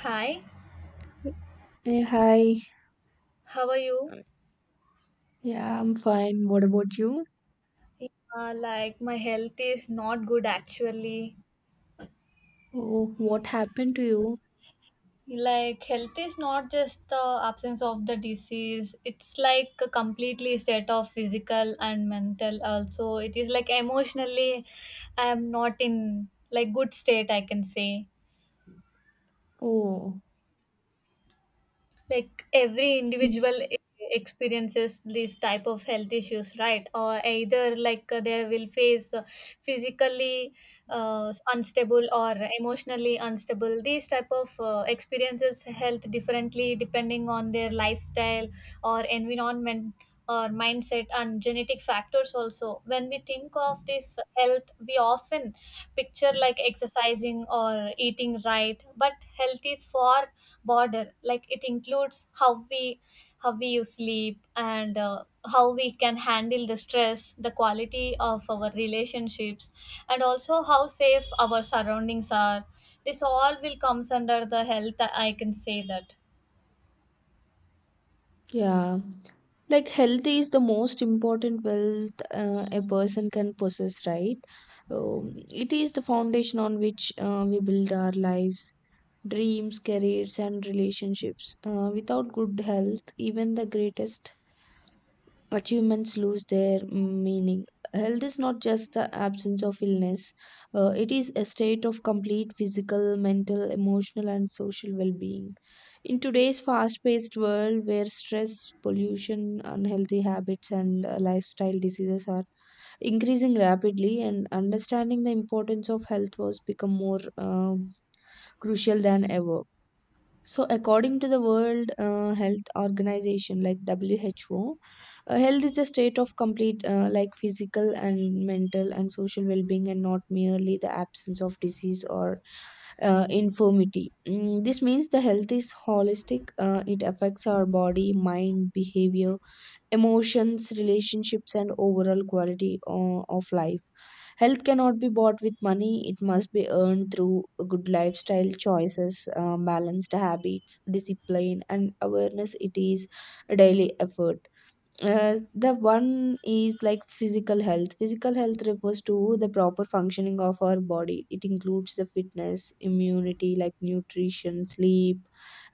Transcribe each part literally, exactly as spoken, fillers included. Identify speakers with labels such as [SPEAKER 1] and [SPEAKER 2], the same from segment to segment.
[SPEAKER 1] Hi,
[SPEAKER 2] Hey, hi.
[SPEAKER 1] how are you?
[SPEAKER 2] Yeah, I'm fine. What about you?
[SPEAKER 1] Yeah, like my health is not good actually.
[SPEAKER 2] Oh, what happened to you?
[SPEAKER 1] Like health is not just the absence of the disease. It's like a completely state of physical and mental also. It is like emotionally I am not in like good state I can say.
[SPEAKER 2] Oh,
[SPEAKER 1] Like every
[SPEAKER 2] it's-
[SPEAKER 1] individual e- experiences this type of health issues, right? Or either like uh, they will face uh, physically uh, unstable or emotionally unstable, these type of uh, experiences health differently depending on their lifestyle or environment or mindset and genetic factors. Also, when we think of this health, we often picture like exercising or eating right, but health is far broader. Like it includes how we how we you sleep and uh, how we can handle the stress, the quality of our relationships, and also how safe our surroundings are. This all will comes under the health, I can say that.
[SPEAKER 2] yeah. Like health is the most important wealth uh, a person can possess, right? Um, it is the foundation on which uh, we build our lives, dreams, careers, and relationships. Uh, without good health, even the greatest achievements lose their meaning. Health is not just the absence of illness, uh, it is a state of complete physical, mental, emotional, and social well being. In today's fast paced world where stress, pollution, unhealthy habits, and uh, lifestyle diseases are increasing rapidly, and understanding the importance of health was become more um, crucial than ever. So, according to the World uh, Health Organization, like W H O, uh, health is the state of complete, uh, like physical and mental and social well-being, and not merely the absence of disease or uh, infirmity. Mm, this means the health is holistic. Uh, it affects our body, mind, behavior, emotions, relationships, and overall quality o- of life. Health cannot be bought with money, it must be earned through good lifestyle choices, uh, balanced habits, discipline, and awareness. It is a daily effort. Uh, the one is like physical health. Physical health refers to the proper functioning of our body. It includes the fitness, immunity, like nutrition, sleep,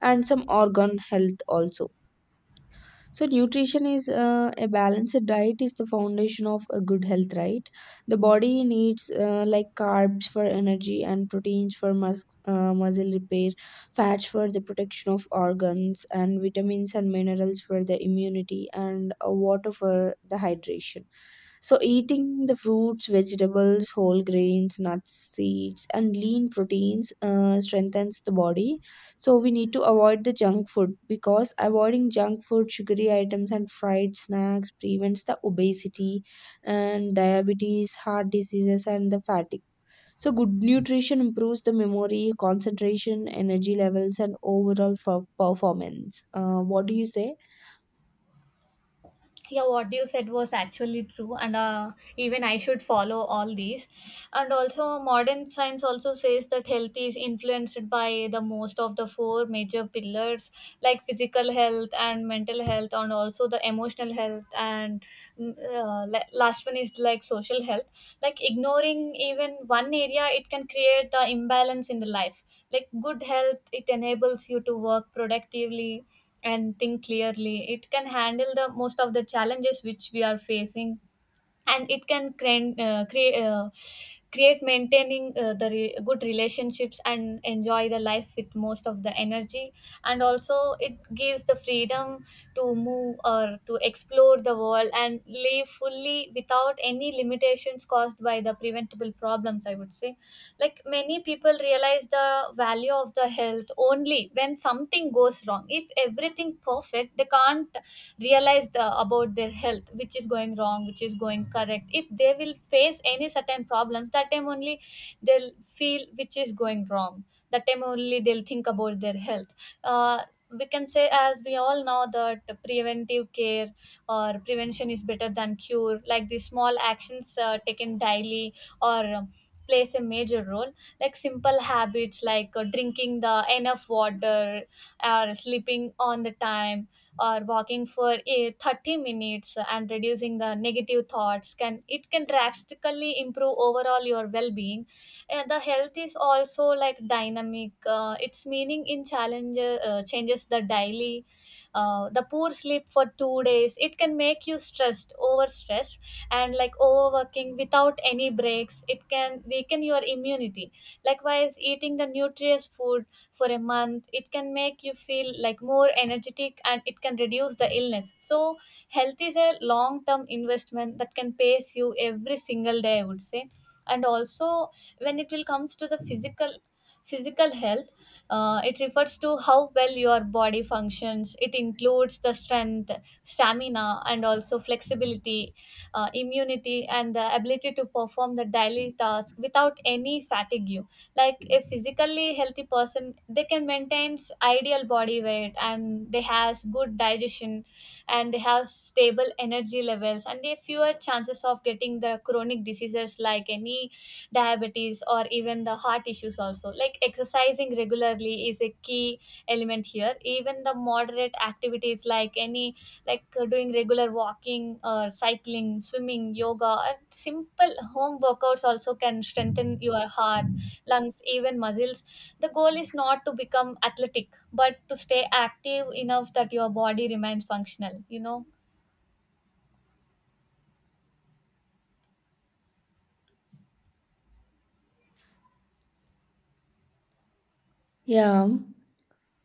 [SPEAKER 2] and some organ health also. So nutrition is, uh, a balanced diet is the foundation of a good health, right? The body needs uh, like carbs for energy and proteins for mus- uh, muscle repair, fats for the protection of organs, and vitamins and minerals for the immunity, and uh, water for the hydration. So eating the fruits, vegetables, whole grains, nuts, seeds, and lean proteins uh, strengthens the body. So we need to avoid the junk food, because avoiding junk food, sugary items, and fried snacks prevents the obesity and diabetes, heart diseases, and the fatigue. So good nutrition improves the memory, concentration, energy levels, and overall for performance. Uh, what do you say?
[SPEAKER 1] Yeah, what you said was actually true, and uh, even I should follow all these. And also modern science also says that health is influenced by the most of the four major pillars, like physical health and mental health and also the emotional health and mm, uh, la- last one is like social health. Like ignoring even one area, it can create the imbalance in the life. Like good health, it enables you to work productively and think clearly. It can handle the most of the challenges which we are facing, and it can create uh, create, uh, create maintaining uh, the re- good relationships and enjoy the life with most of the energy. And also it gives the freedom to move or to explore the world and live fully without any limitations caused by the preventable problems, I would say. Like many people realize the value of the health only when something goes wrong. If everything perfect, they can't realized uh, about their health, which is going wrong, which is going correct. If they will face any certain problems, that time only they'll feel which is going wrong. That time only they'll think about their health. uh, we can say, as we all know, that preventive care or prevention is better than cure. Like the small actions uh, taken daily or um, plays a major role. Like simple habits like uh, drinking the enough water or sleeping on the time or walking for a thirty minutes and reducing the negative thoughts can, it can drastically improve overall your well-being. And the health is also like dynamic. Uh, its meaning in challenge uh, changes the daily. Uh, the poor sleep for two days, it can make you stressed, overstressed, and like overworking without any breaks, it can weaken your immunity. Likewise, eating the nutritious food for a month, it can make you feel like more energetic and it can reduce the illness. So health is a long term investment that can pays you every single day, I would say. And also, when it will comes to the physical, physical health, uh, it refers to how well your body functions. It includes the strength, stamina, and also flexibility, uh, immunity, and the ability to perform the daily task without any fatigue. Like a physically healthy person, they can maintain ideal body weight and they has good digestion, and they have stable energy levels, and they fewer chances of getting the chronic diseases like any diabetes or even the heart issues also. Like exercising regularly is a key element here. Even the moderate activities like any like uh, doing regular walking or cycling, swimming, yoga, or simple home workouts also can strengthen your heart, lungs, even muscles. The goal is not to become athletic, but to stay active enough that your body remains functional, you know.
[SPEAKER 2] Yeah.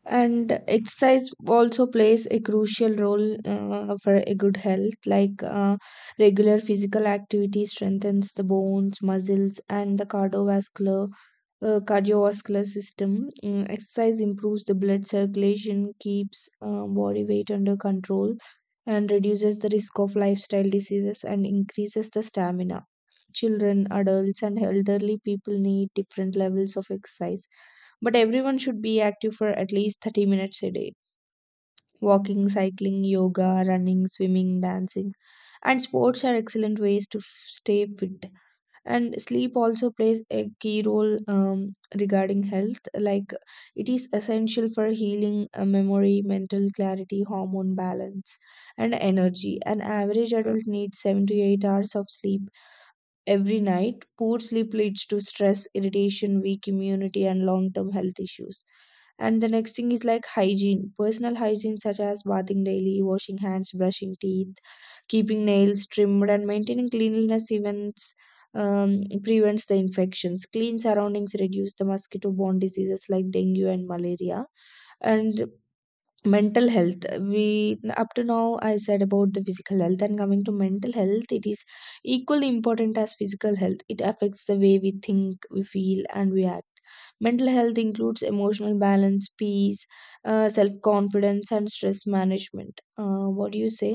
[SPEAKER 2] And exercise also plays a crucial role uh, for a good health, like uh, regular physical activity strengthens the bones, muscles, and the cardiovascular uh, cardiovascular system. Mm, exercise improves the blood circulation, keeps uh, body weight under control, and reduces the risk of lifestyle diseases, and increases the stamina. Children, adults, and elderly people need different levels of exercise, but everyone should be active for at least thirty minutes a day. Walking, cycling, yoga, running, swimming, dancing, and sports are excellent ways to f- stay fit. And sleep also plays a key role um, regarding health. Like it is essential for healing, uh, memory, mental clarity, hormone balance, and energy. An average adult needs seven to eight hours of sleep every night. Poor sleep leads to stress, irritation, weak immunity, and long term health issues. And the next thing is like hygiene. Personal hygiene such as bathing daily, washing hands, brushing teeth, keeping nails trimmed, and maintaining cleanliness events um, prevents the infections. Clean surroundings reduce the mosquito borne diseases like dengue and malaria. And mental health, we up to now I said about the physical health, and coming to mental health, it is equally important as physical health. It affects the way we think, we feel, and we act. Mental health includes emotional balance, peace, uh, self confidence, and stress management. Uh, what do you say?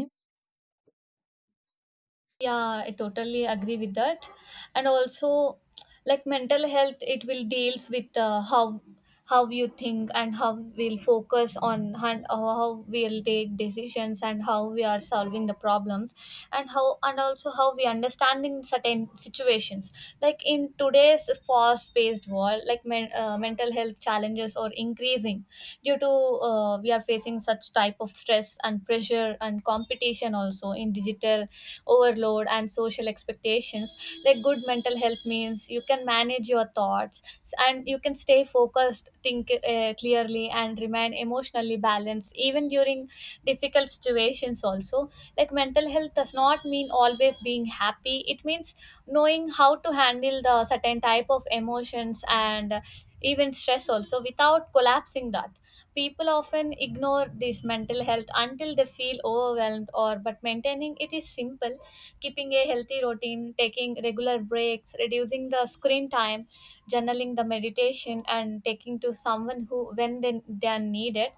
[SPEAKER 1] Yeah, I totally agree with that. And also, like mental health, it will deals with uh, how how you think and how we'll focus on and how we'll take decisions and how we are solving the problems and how and also how we understanding certain situations. Like in today's fast paced world, like men, uh, mental health challenges are increasing due to uh, we are facing such type of stress and pressure and competition also in digital overload and social expectations. Like good mental health means you can manage your thoughts s- and you can stay focused, think uh, clearly, and remain emotionally balanced even during difficult situations also. Like mental health does not mean always being happy. It means knowing how to handle the certain type of emotions and uh, even stress also without collapsing that. People often ignore this mental health until they feel overwhelmed, or but maintaining it is simple. Keeping a healthy routine, taking regular breaks, reducing the screen time, journaling the meditation, and taking to someone who when they, they are needed.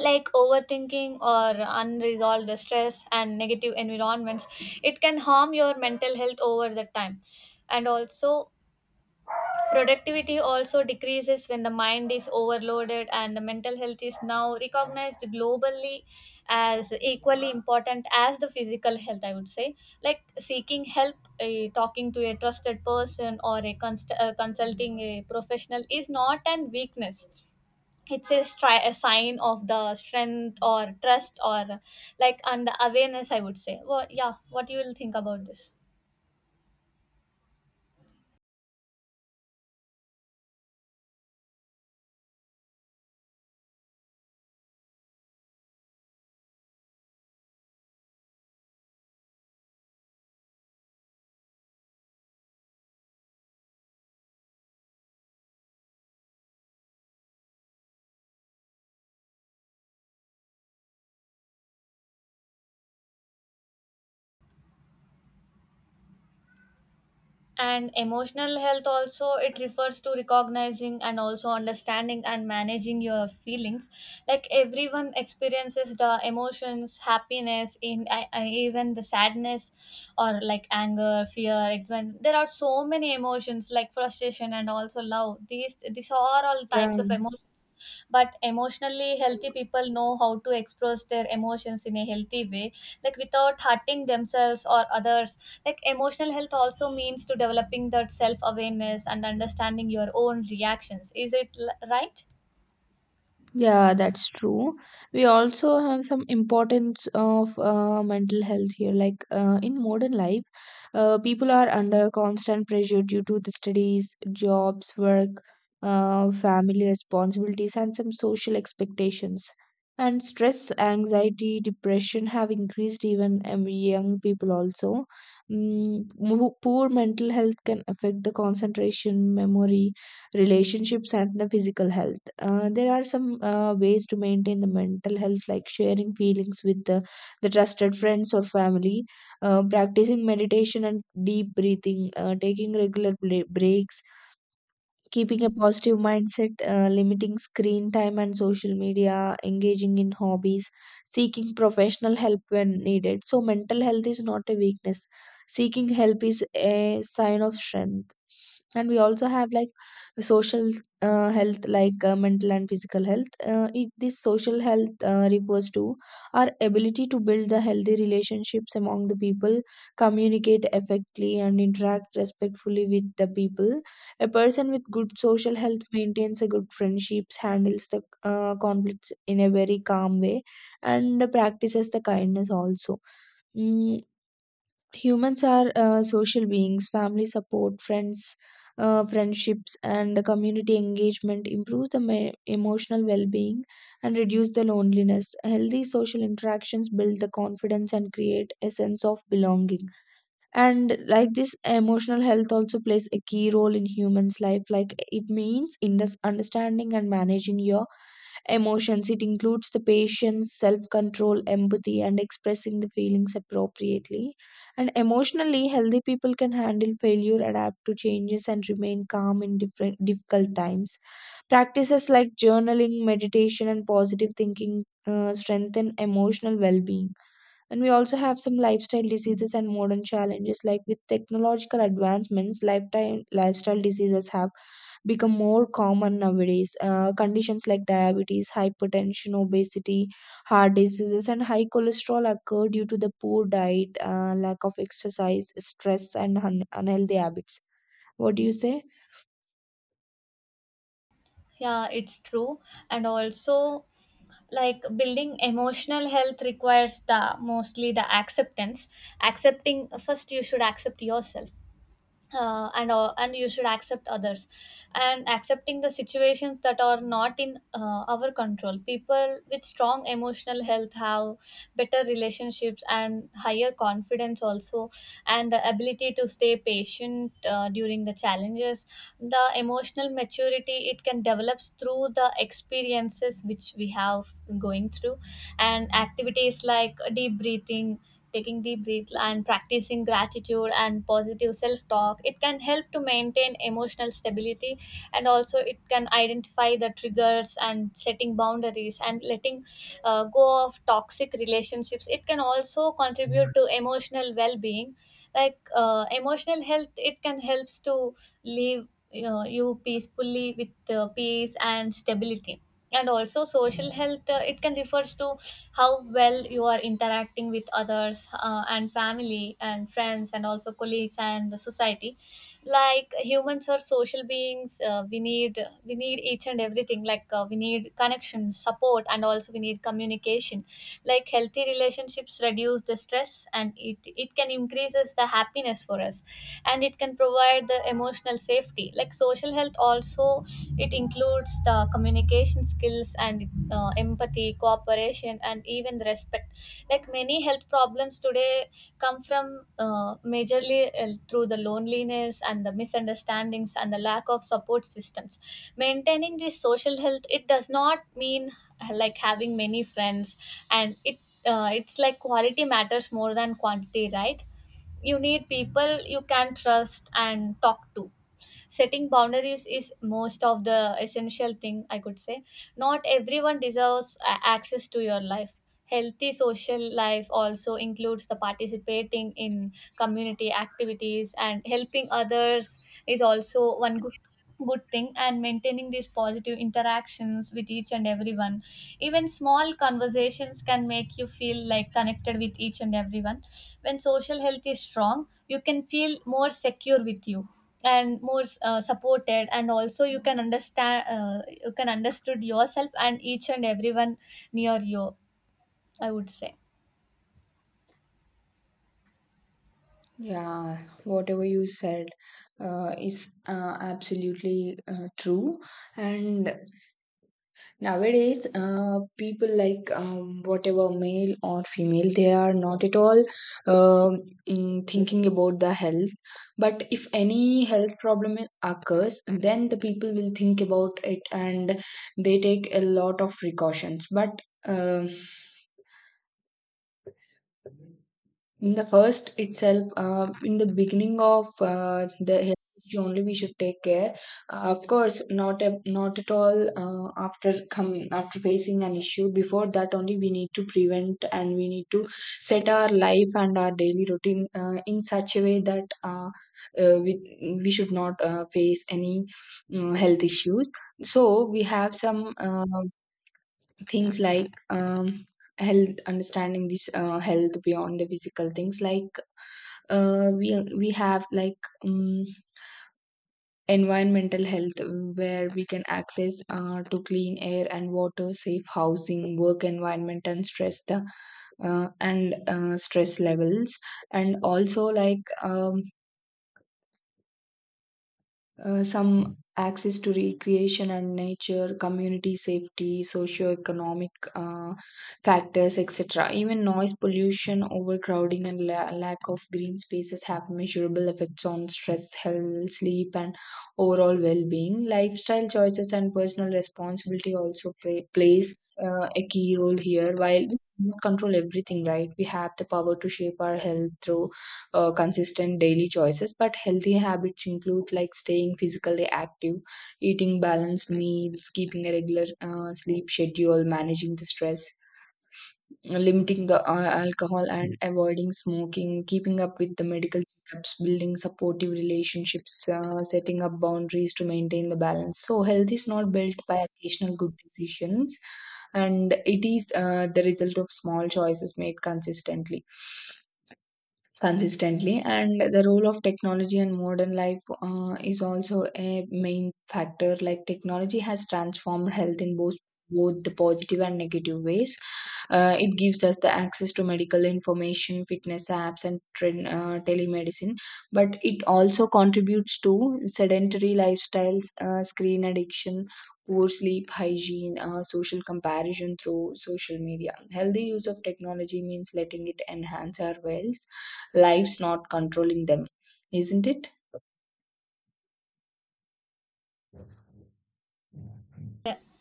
[SPEAKER 1] Like overthinking or unresolved stress and negative environments, it can harm your mental health over the time. And also, productivity also decreases when the mind is overloaded, and the mental health is now recognized globally as equally important as the physical health, I would say. Like seeking help, uh, talking to a trusted person, or a const- uh, consulting a professional is not an weakness. It's a, stri- a sign of the strength or trust or like and the awareness, I would say. Well, yeah, what you will think about this? And emotional health also, it refers to recognizing and also understanding and managing your feelings. Like everyone experiences the emotions, happiness, in I, I, even the sadness or like anger, fear, excitement. There are so many emotions like frustration and also love. These these are all
[SPEAKER 2] Yeah.
[SPEAKER 1] types of emotions. But emotionally healthy people know how to express their emotions in a healthy way, like without hurting themselves or others. Like emotional health also means to developing that self awareness and understanding your own reactions, is it l- right?
[SPEAKER 2] Yeah, that's true. We also have some importance of uh, mental health here. Like uh, in modern life, uh, people are under constant pressure due to the studies, jobs, work, uh, family responsibilities, and some social expectations. And stress, anxiety, depression have increased even um, young people also. Mm, mo- poor mental health can affect the concentration, memory, relationships, and the physical health. Uh, there are some uh, ways to maintain the mental health, like sharing feelings with the, the trusted friends or family, uh, practicing meditation and deep breathing, uh, taking regular bla- breaks, keeping a positive mindset, uh, limiting screen time and social media, engaging in hobbies, seeking professional help when needed. So, mental health is not a weakness. Seeking help is a sign of strength. And we also have like social uh, health, like uh, mental and physical health. Uh, it, this social health uh, refers to our ability to build the healthy relationships among the people, communicate effectively, and interact respectfully with the people. A person with good social health maintains a good friendships, handles the uh, conflicts in a very calm way, and practices the kindness also. Mm, humans are uh, social beings. Family support, friends, uh, friendships, and community engagement improve the me- emotional well-being and reduce the loneliness. Healthy social interactions build the confidence and create a sense of belonging. And like this, emotional health also plays a key role in humans life. Like it means in this understanding and managing your emotions, it includes the patience, self control, empathy, and expressing the feelings appropriately. And emotionally healthy people can handle failure, adapt to changes, and remain calm in different difficult times. Practices like journaling, meditation, and positive thinking uh, strengthen emotional well-being. And we also have some lifestyle diseases and modern challenges. Like with technological advancements, lifetime lifestyle diseases have become more common nowadays. Uh, conditions like diabetes, hypertension, obesity, heart diseases, and high cholesterol occur due to the poor diet, uh, lack of exercise, stress, and un- unhealthy habits. What do you say?
[SPEAKER 1] Yeah, it's true. And also, like building emotional health requires the mostly the acceptance. Accepting, first you should accept yourself uh, and uh, and you should accept others, and accepting the situations that are not in uh, our control. People with strong emotional health have better relationships and higher confidence also, and the ability to stay patient uh, during the challenges. The emotional maturity, it can develop through the experiences which we have going through, and activities like deep breathing, taking deep breath, and practicing gratitude and positive self-talk, it can help to maintain emotional stability. And also, it can identify the triggers and setting boundaries and letting uh, go of toxic relationships, it can also contribute to emotional well-being. Like uh, emotional health, it can helps to live you, know, you peacefully with uh, peace and stability. And also social health, uh, it can refers to how well you are interacting with others, uh, and family and friends and also colleagues and the society. Like humans are social beings. Uh, we need we need each and everything. Like uh, we need connection, support, and also we need communication. Like healthy relationships reduce the stress and it it can increases the happiness for us, and it can provide the emotional safety. Like social health also, it includes the communication skills and uh, empathy, cooperation, and even the respect. Like many health problems today come from uh, majorly uh, through the loneliness and the misunderstandings and the lack of support systems. Maintaining this social health, it does not mean uh, like having many friends, and it uh, it's like quality matters more than quantity, right? You need people you can trust and talk to. Setting boundaries is most of the essential thing I could say. Not everyone deserves a- access to your life. Healthy social life also includes the participating in community activities and helping others is also one good good thing, and maintaining these positive interactions with each and everyone. Even small conversations can make you feel like connected with each and everyone. When social health is strong, you can feel more secure with you and more uh, supported. And also, you can understand, uh, you can understood yourself and each and everyone near you, I would say.
[SPEAKER 2] Yeah, whatever you said uh, is uh, absolutely uh, true. And nowadays, uh, people, like um, whatever male or female, they are not at all um mm, thinking about the health. But if any health problem occurs, then the people will think about it, and they take a lot of precautions. But um in the first itself, uh, in the beginning of uh, the health issue only, we should take care. Uh, of course, not a, not at all uh, after come after facing an issue. Before that only we need to prevent, and we need to set our life and our daily routine uh, in such a way that, uh, uh, we we should not uh, face any um, health issues. So we have some uh, things like, um, health, understanding this uh, health beyond the physical things, like uh, we we have like um, environmental health, where we can access uh, to clean air and water, safe housing, work environment, and stress the uh, and uh, stress levels, and also like um, uh, some access to recreation and nature, community safety, socio-economic uh, factors, et cetera. Even noise pollution, overcrowding, and la- lack of green spaces have measurable effects on stress, health, sleep, and overall well-being. Lifestyle choices and personal responsibility also play, plays uh, a key role here. While we cannot control everything, right? We have the power to shape our health through uh, consistent daily choices. But healthy habits include like staying physically active, eating balanced meals, keeping a regular uh, sleep schedule, managing the stress, limiting the uh, alcohol and avoiding smoking, keeping up with the medical checkups, building supportive relationships, uh, setting up boundaries to maintain the balance. So health is not built by occasional good decisions, and it is uh, the result of small choices made consistently consistently. And the role of technology and modern life uh, is also a main factor. Like technology has transformed health in both both the positive and negative ways. Uh, it gives us the access to medical information, fitness apps, and tren- uh, telemedicine. But it also contributes to sedentary lifestyles, uh, screen addiction, poor sleep hygiene, uh, social comparison through social media. Healthy use of technology means letting it enhance our wells life's, not controlling them, isn't it?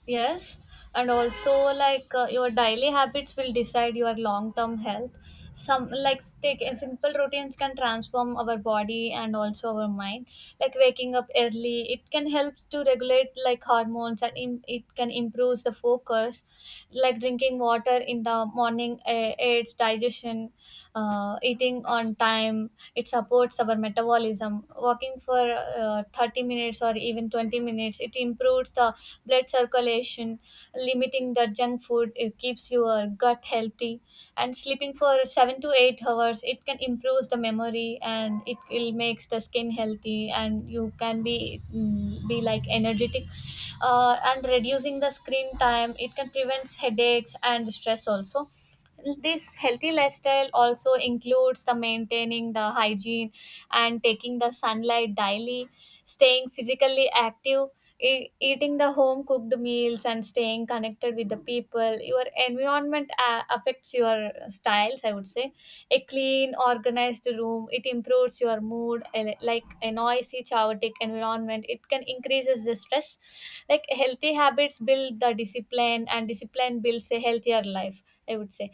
[SPEAKER 1] Yes, and also like uh, your daily habits will decide your long-term health. Some like take uh, simple routines can transform our body and also our mind. Like waking up early, it can help to regulate like hormones and im it can improve the focus. Like drinking water in the morning uh, aids digestion. Uh, eating on time, it supports our metabolism. Walking for uh, thirty minutes or even twenty minutes, it improves the blood circulation. Limiting the junk food, it keeps your gut healthy, and sleeping for seven to eight hours, it can improve the memory and it will makes the skin healthy, and you can be mm, be like energetic. Uh, and reducing the screen time, it can prevent headaches and stress also. This healthy lifestyle also includes the maintaining the hygiene and taking the sunlight daily, staying physically active, E- eating the home cooked meals and staying connected with the people. Your environment uh, affects your styles, I would say. A clean organized room, it improves your mood. A- like a noisy chaotic environment, it can increases the stress. Like healthy habits build the discipline, and discipline builds a healthier life, I would say.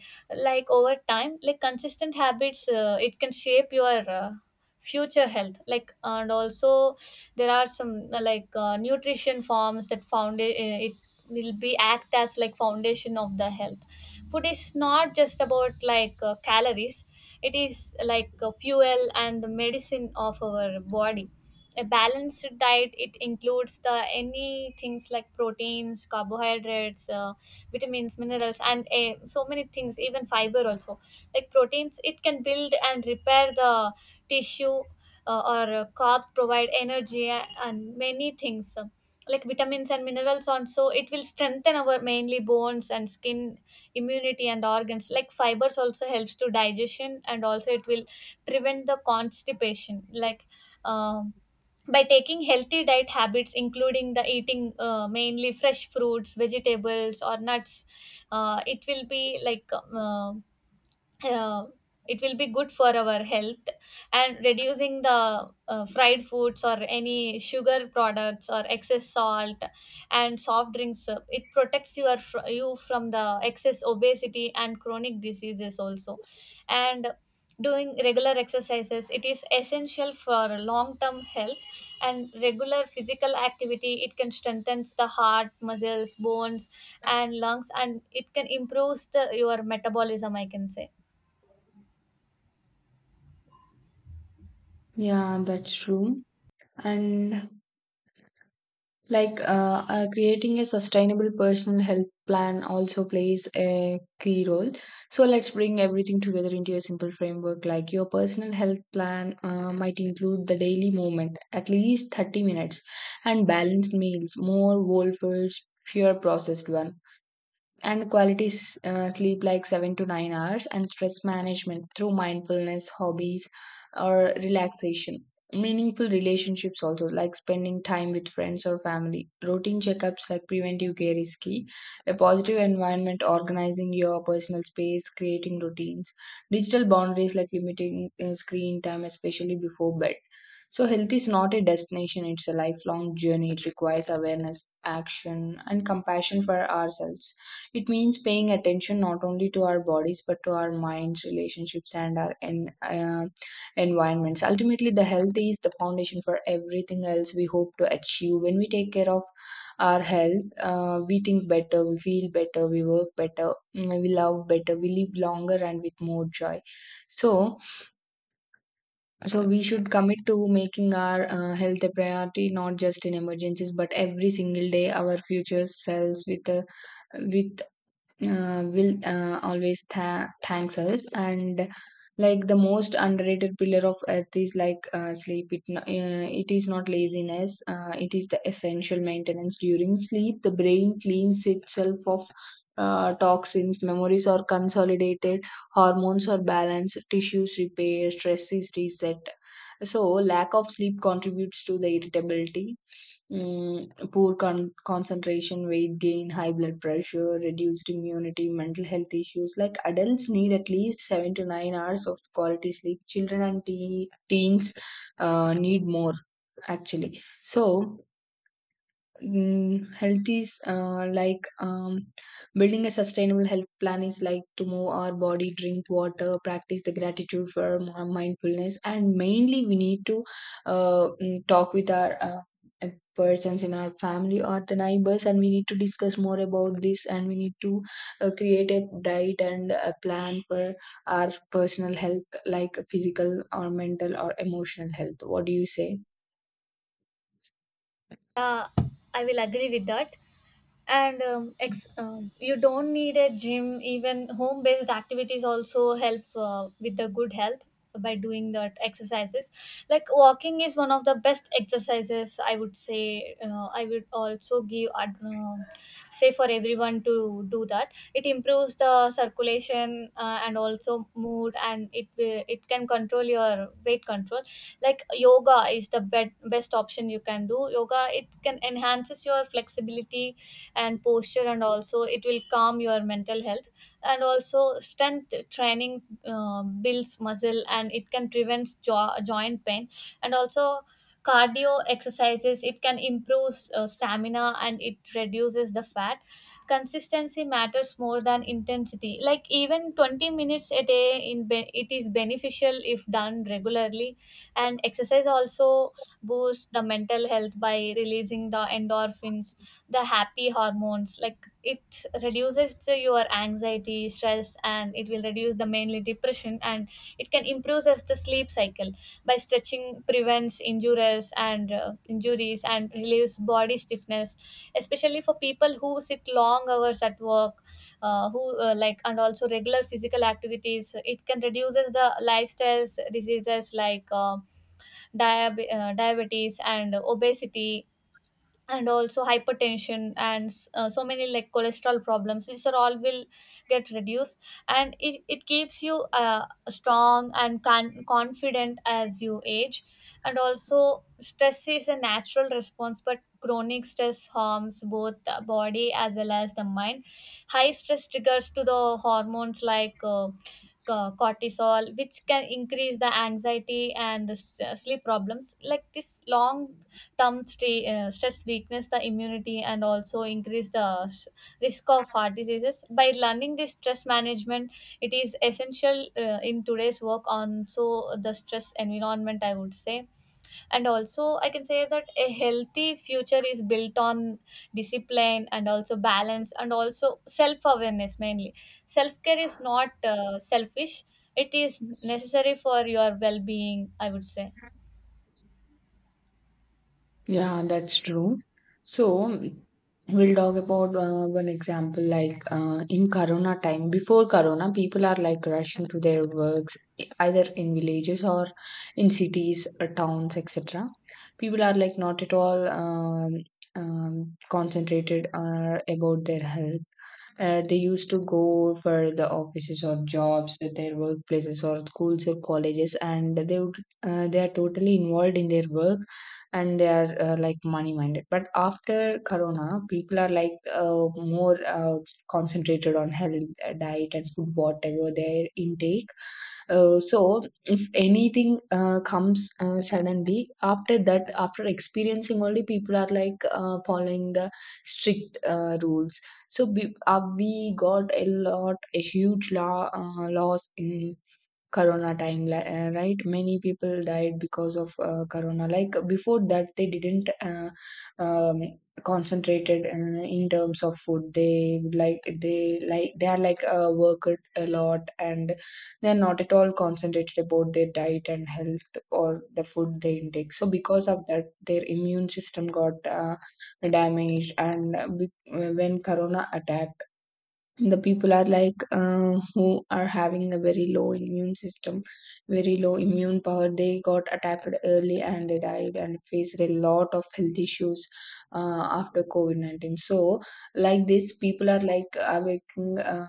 [SPEAKER 1] Like over time, like consistent habits, uh, it can shape your uh, future health, like. And also, there are some uh, like uh, nutrition forms that found it, it will be act as like foundation of the health. Food is not just about like uh, calories, it is like a fuel and the medicine of our body. A balanced diet, it includes the any things like proteins, carbohydrates, uh, vitamins, minerals, and uh, so many things, even fiber also. Like proteins, it can build and repair the tissue. Uh, or uh, Carbs provide energy a- and many things. Um, like vitamins and minerals also, it will strengthen our mainly bones and skin, immunity and organs. Like fibers also helps to digestion, and also it will prevent the constipation, like. um by taking healthy diet habits, including the eating uh, mainly fresh fruits, vegetables or nuts, uh, it will be like um, uh, uh, it will be good for our health. And reducing the uh, fried foods or any sugar products or excess salt and soft drinks, uh, it protects your fr- you from the excess obesity and chronic diseases also. And doing regular exercises, it is essential for long term health. And regular physical activity, it can strengthen the heart muscles, bones and lungs, and it can improve the, your metabolism, I can say.
[SPEAKER 2] Yeah, that's true. And like uh, uh, creating a sustainable personal health plan also plays a key role. So let's bring everything together into a simple framework. Like your personal health plan uh, might include the daily movement, at least thirty minutes, and balanced meals, more whole foods, fewer processed one, and quality s- uh, sleep like seven to nine hours, and stress management through mindfulness, hobbies, or relaxation, meaningful relationships also, like spending time with friends or family, routine checkups, like preventive care is key, a positive environment, organizing your personal space, creating routines, digital boundaries like limiting uh, screen time especially before bed. So health is not a destination, it's a lifelong journey. It requires awareness, action, and compassion for ourselves. It means paying attention not only to our bodies, but to our minds, relationships, and our en- uh, environments. Ultimately, the health is the foundation for everything else we hope to achieve. When we take care of our health, uh, we think better, we feel better, we work better, mm, we love better, we live longer and with more joy. So, so we should commit to making our uh, health a priority, not just in emergencies, but every single day. Our future selves with a with uh, will uh, always tha- thanks us. And like the most underrated pillar of earth is like uh, sleep. It, no- uh, it is not laziness, uh, it is the essential maintenance. During sleep the brain cleans itself of uh, toxins, memories are consolidated, hormones are balanced, tissues repair, stress is reset. So lack of sleep contributes to the irritability, Mm, poor con- concentration, weight gain, high blood pressure, reduced immunity, mental health issues. Like adults need at least seven to nine hours of quality sleep. Children and te- teens uh, need more, actually. So, mm, health is uh, like um, building a sustainable health plan is like to move our body, drink water, practice the gratitude for more mindfulness. And mainly we need to uh, mm, talk with our uh, uh, persons in our family or the neighbors, and we need to discuss more about this, and we need to uh, create a diet and a plan for our personal health, like physical or mental or emotional health. What do you say?
[SPEAKER 1] uh, I will agree with that. And um, ex- um, you don't need a gym. Even home-based activities also help uh, with the good health by doing that exercises. Like walking is one of the best exercises, I would say. Uh, I would also give ad- uh, um, say for everyone to do that. It improves the circulation uh, and also mood, and it will, it can control your weight control. Like yoga is the be- best option. You can do yoga, it can enhances your flexibility and posture, and also it will calm your mental health. And also strength training uh, builds muscle, and it can prevent jo- joint pain. And also cardio exercises, it can improve uh, stamina and it reduces the fat. Consistency matters more than intensity. Like even twenty minutes a day in be- it is beneficial if done regularly. And exercise also boosts the mental health by releasing the endorphins, the happy hormones. Like it reduces the- your anxiety, stress, and it will reduce the mainly depression, and it can improve as the sleep cycle. By stretching prevents injuries and uh, injuries and relieves body stiffness, especially for people who sit long hours at work. Uh, who uh, like and also regular physical activities, it can reduces the lifestyles diseases like uh, diab- uh, diabetes and obesity, and also hypertension and s- uh, so many like cholesterol problems. These are all will get reduced, and it, it keeps you uh, strong and con- confident as you age. And also stress is a natural response, but chronic stress harms both the body as well as the mind. High stress triggers to the hormones like uh, co- cortisol, which can increase the anxiety and the s- uh, sleep problems. Like this long term stay, uh, stress weakness the immunity and also increase the s- risk of heart diseases. By learning this, stress management, it is essential uh, in today's work on, so the stress environment, I would say. And also I can say that a healthy future is built on discipline and also balance and also self awareness mainly. Self care is not uh, selfish, it is necessary for your well being, I would say.
[SPEAKER 2] Yeah, that's true. So we'll talk about uh, one example, like uh, in Corona time. Before Corona, people are like rushing to their works, e- either in villages or in cities, uh, towns, et cetera. People are like not at all um, um, concentrated uh, about their health. Uh, they used to go for the offices or jobs at their workplaces or schools or colleges, and they would uh, they are totally involved in their work, and they are uh, like money minded. But after corona, people are like uh, more uh, concentrated on health, uh, diet and food, whatever their intake. Uh, so if anything uh, comes uh, suddenly after that, after experiencing only, people are like uh, following the strict uh, rules. So we, uh, we got a lot, a huge law, uh, loss in corona time, li- uh, right, many people died because of uh, corona. Like before that, they didn't uh, um, concentrated uh, in terms of food. They like, they like, they are like uh, worked a lot, and they are not at all concentrated about their diet and health or the food they intake. So because of that, their immune system got uh, damaged. And uh, be- uh, when corona attacked, the people are like uh, who are having a very low immune system, very low immune power, they got attacked early and they died and faced a lot of health issues uh, after covid nineteen. So like this, people are like awaking uh,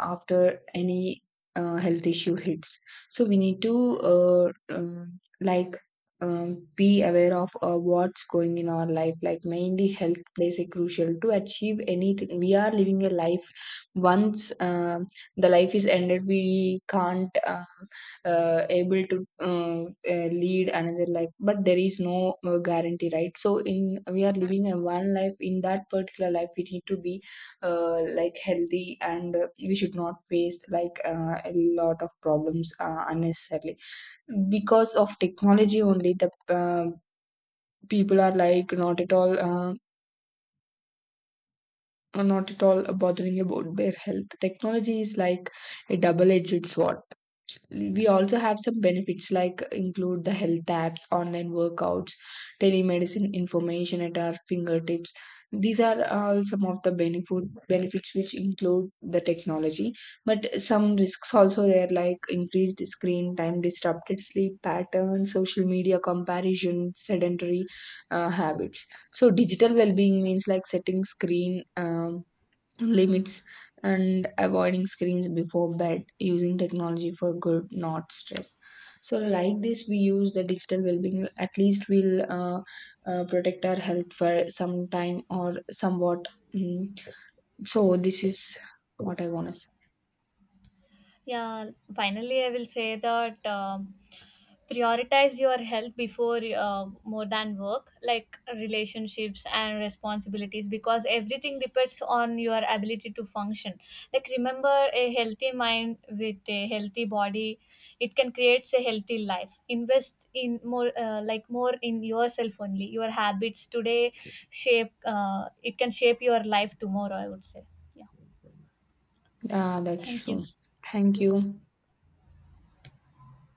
[SPEAKER 2] after any uh, health issue hits. So we need to uh, um like um, be aware of uh, what's going in our life. Like mainly health plays a crucial to achieve anything. We are living a life. Once uh, the life is ended, we can't uh, uh, able to uh, uh, lead another life, but there is no uh, guarantee, right? So in, we are living a one life. In that particular life, we need to be uh, like healthy, and uh, we should not face like uh, a lot of problems uh, unnecessarily. Because of technology only, the uh, people are like not at all um, are not at all bothering about their health. Technology is like a double-edged sword. We also have some benefits like include the health apps, online workouts, telemedicine, information at our fingertips. These are all some of the benefit benefits which include the technology, but some risks also there, like increased screen time, disrupted sleep patterns, social media comparison, sedentary uh, habits. So digital well-being means like setting screen um, limits and avoiding screens before bed, using technology for good, not stress. So like this, we use the digital well-being. At least we'll uh, uh, protect our health for some time or somewhat. Mm. So this is what I want to say.
[SPEAKER 1] Yeah, finally, I will say that um, prioritize your health before uh, more than work, like relationships and responsibilities, because everything depends on your ability to function. Like, remember a healthy mind with a healthy body, it can create a healthy life. Invest in more, uh, like, more in yourself only. Your habits today shape, uh, it can shape your life tomorrow, I would say. Yeah,
[SPEAKER 2] Uh, that's
[SPEAKER 1] thank you.
[SPEAKER 2] true. Thank you.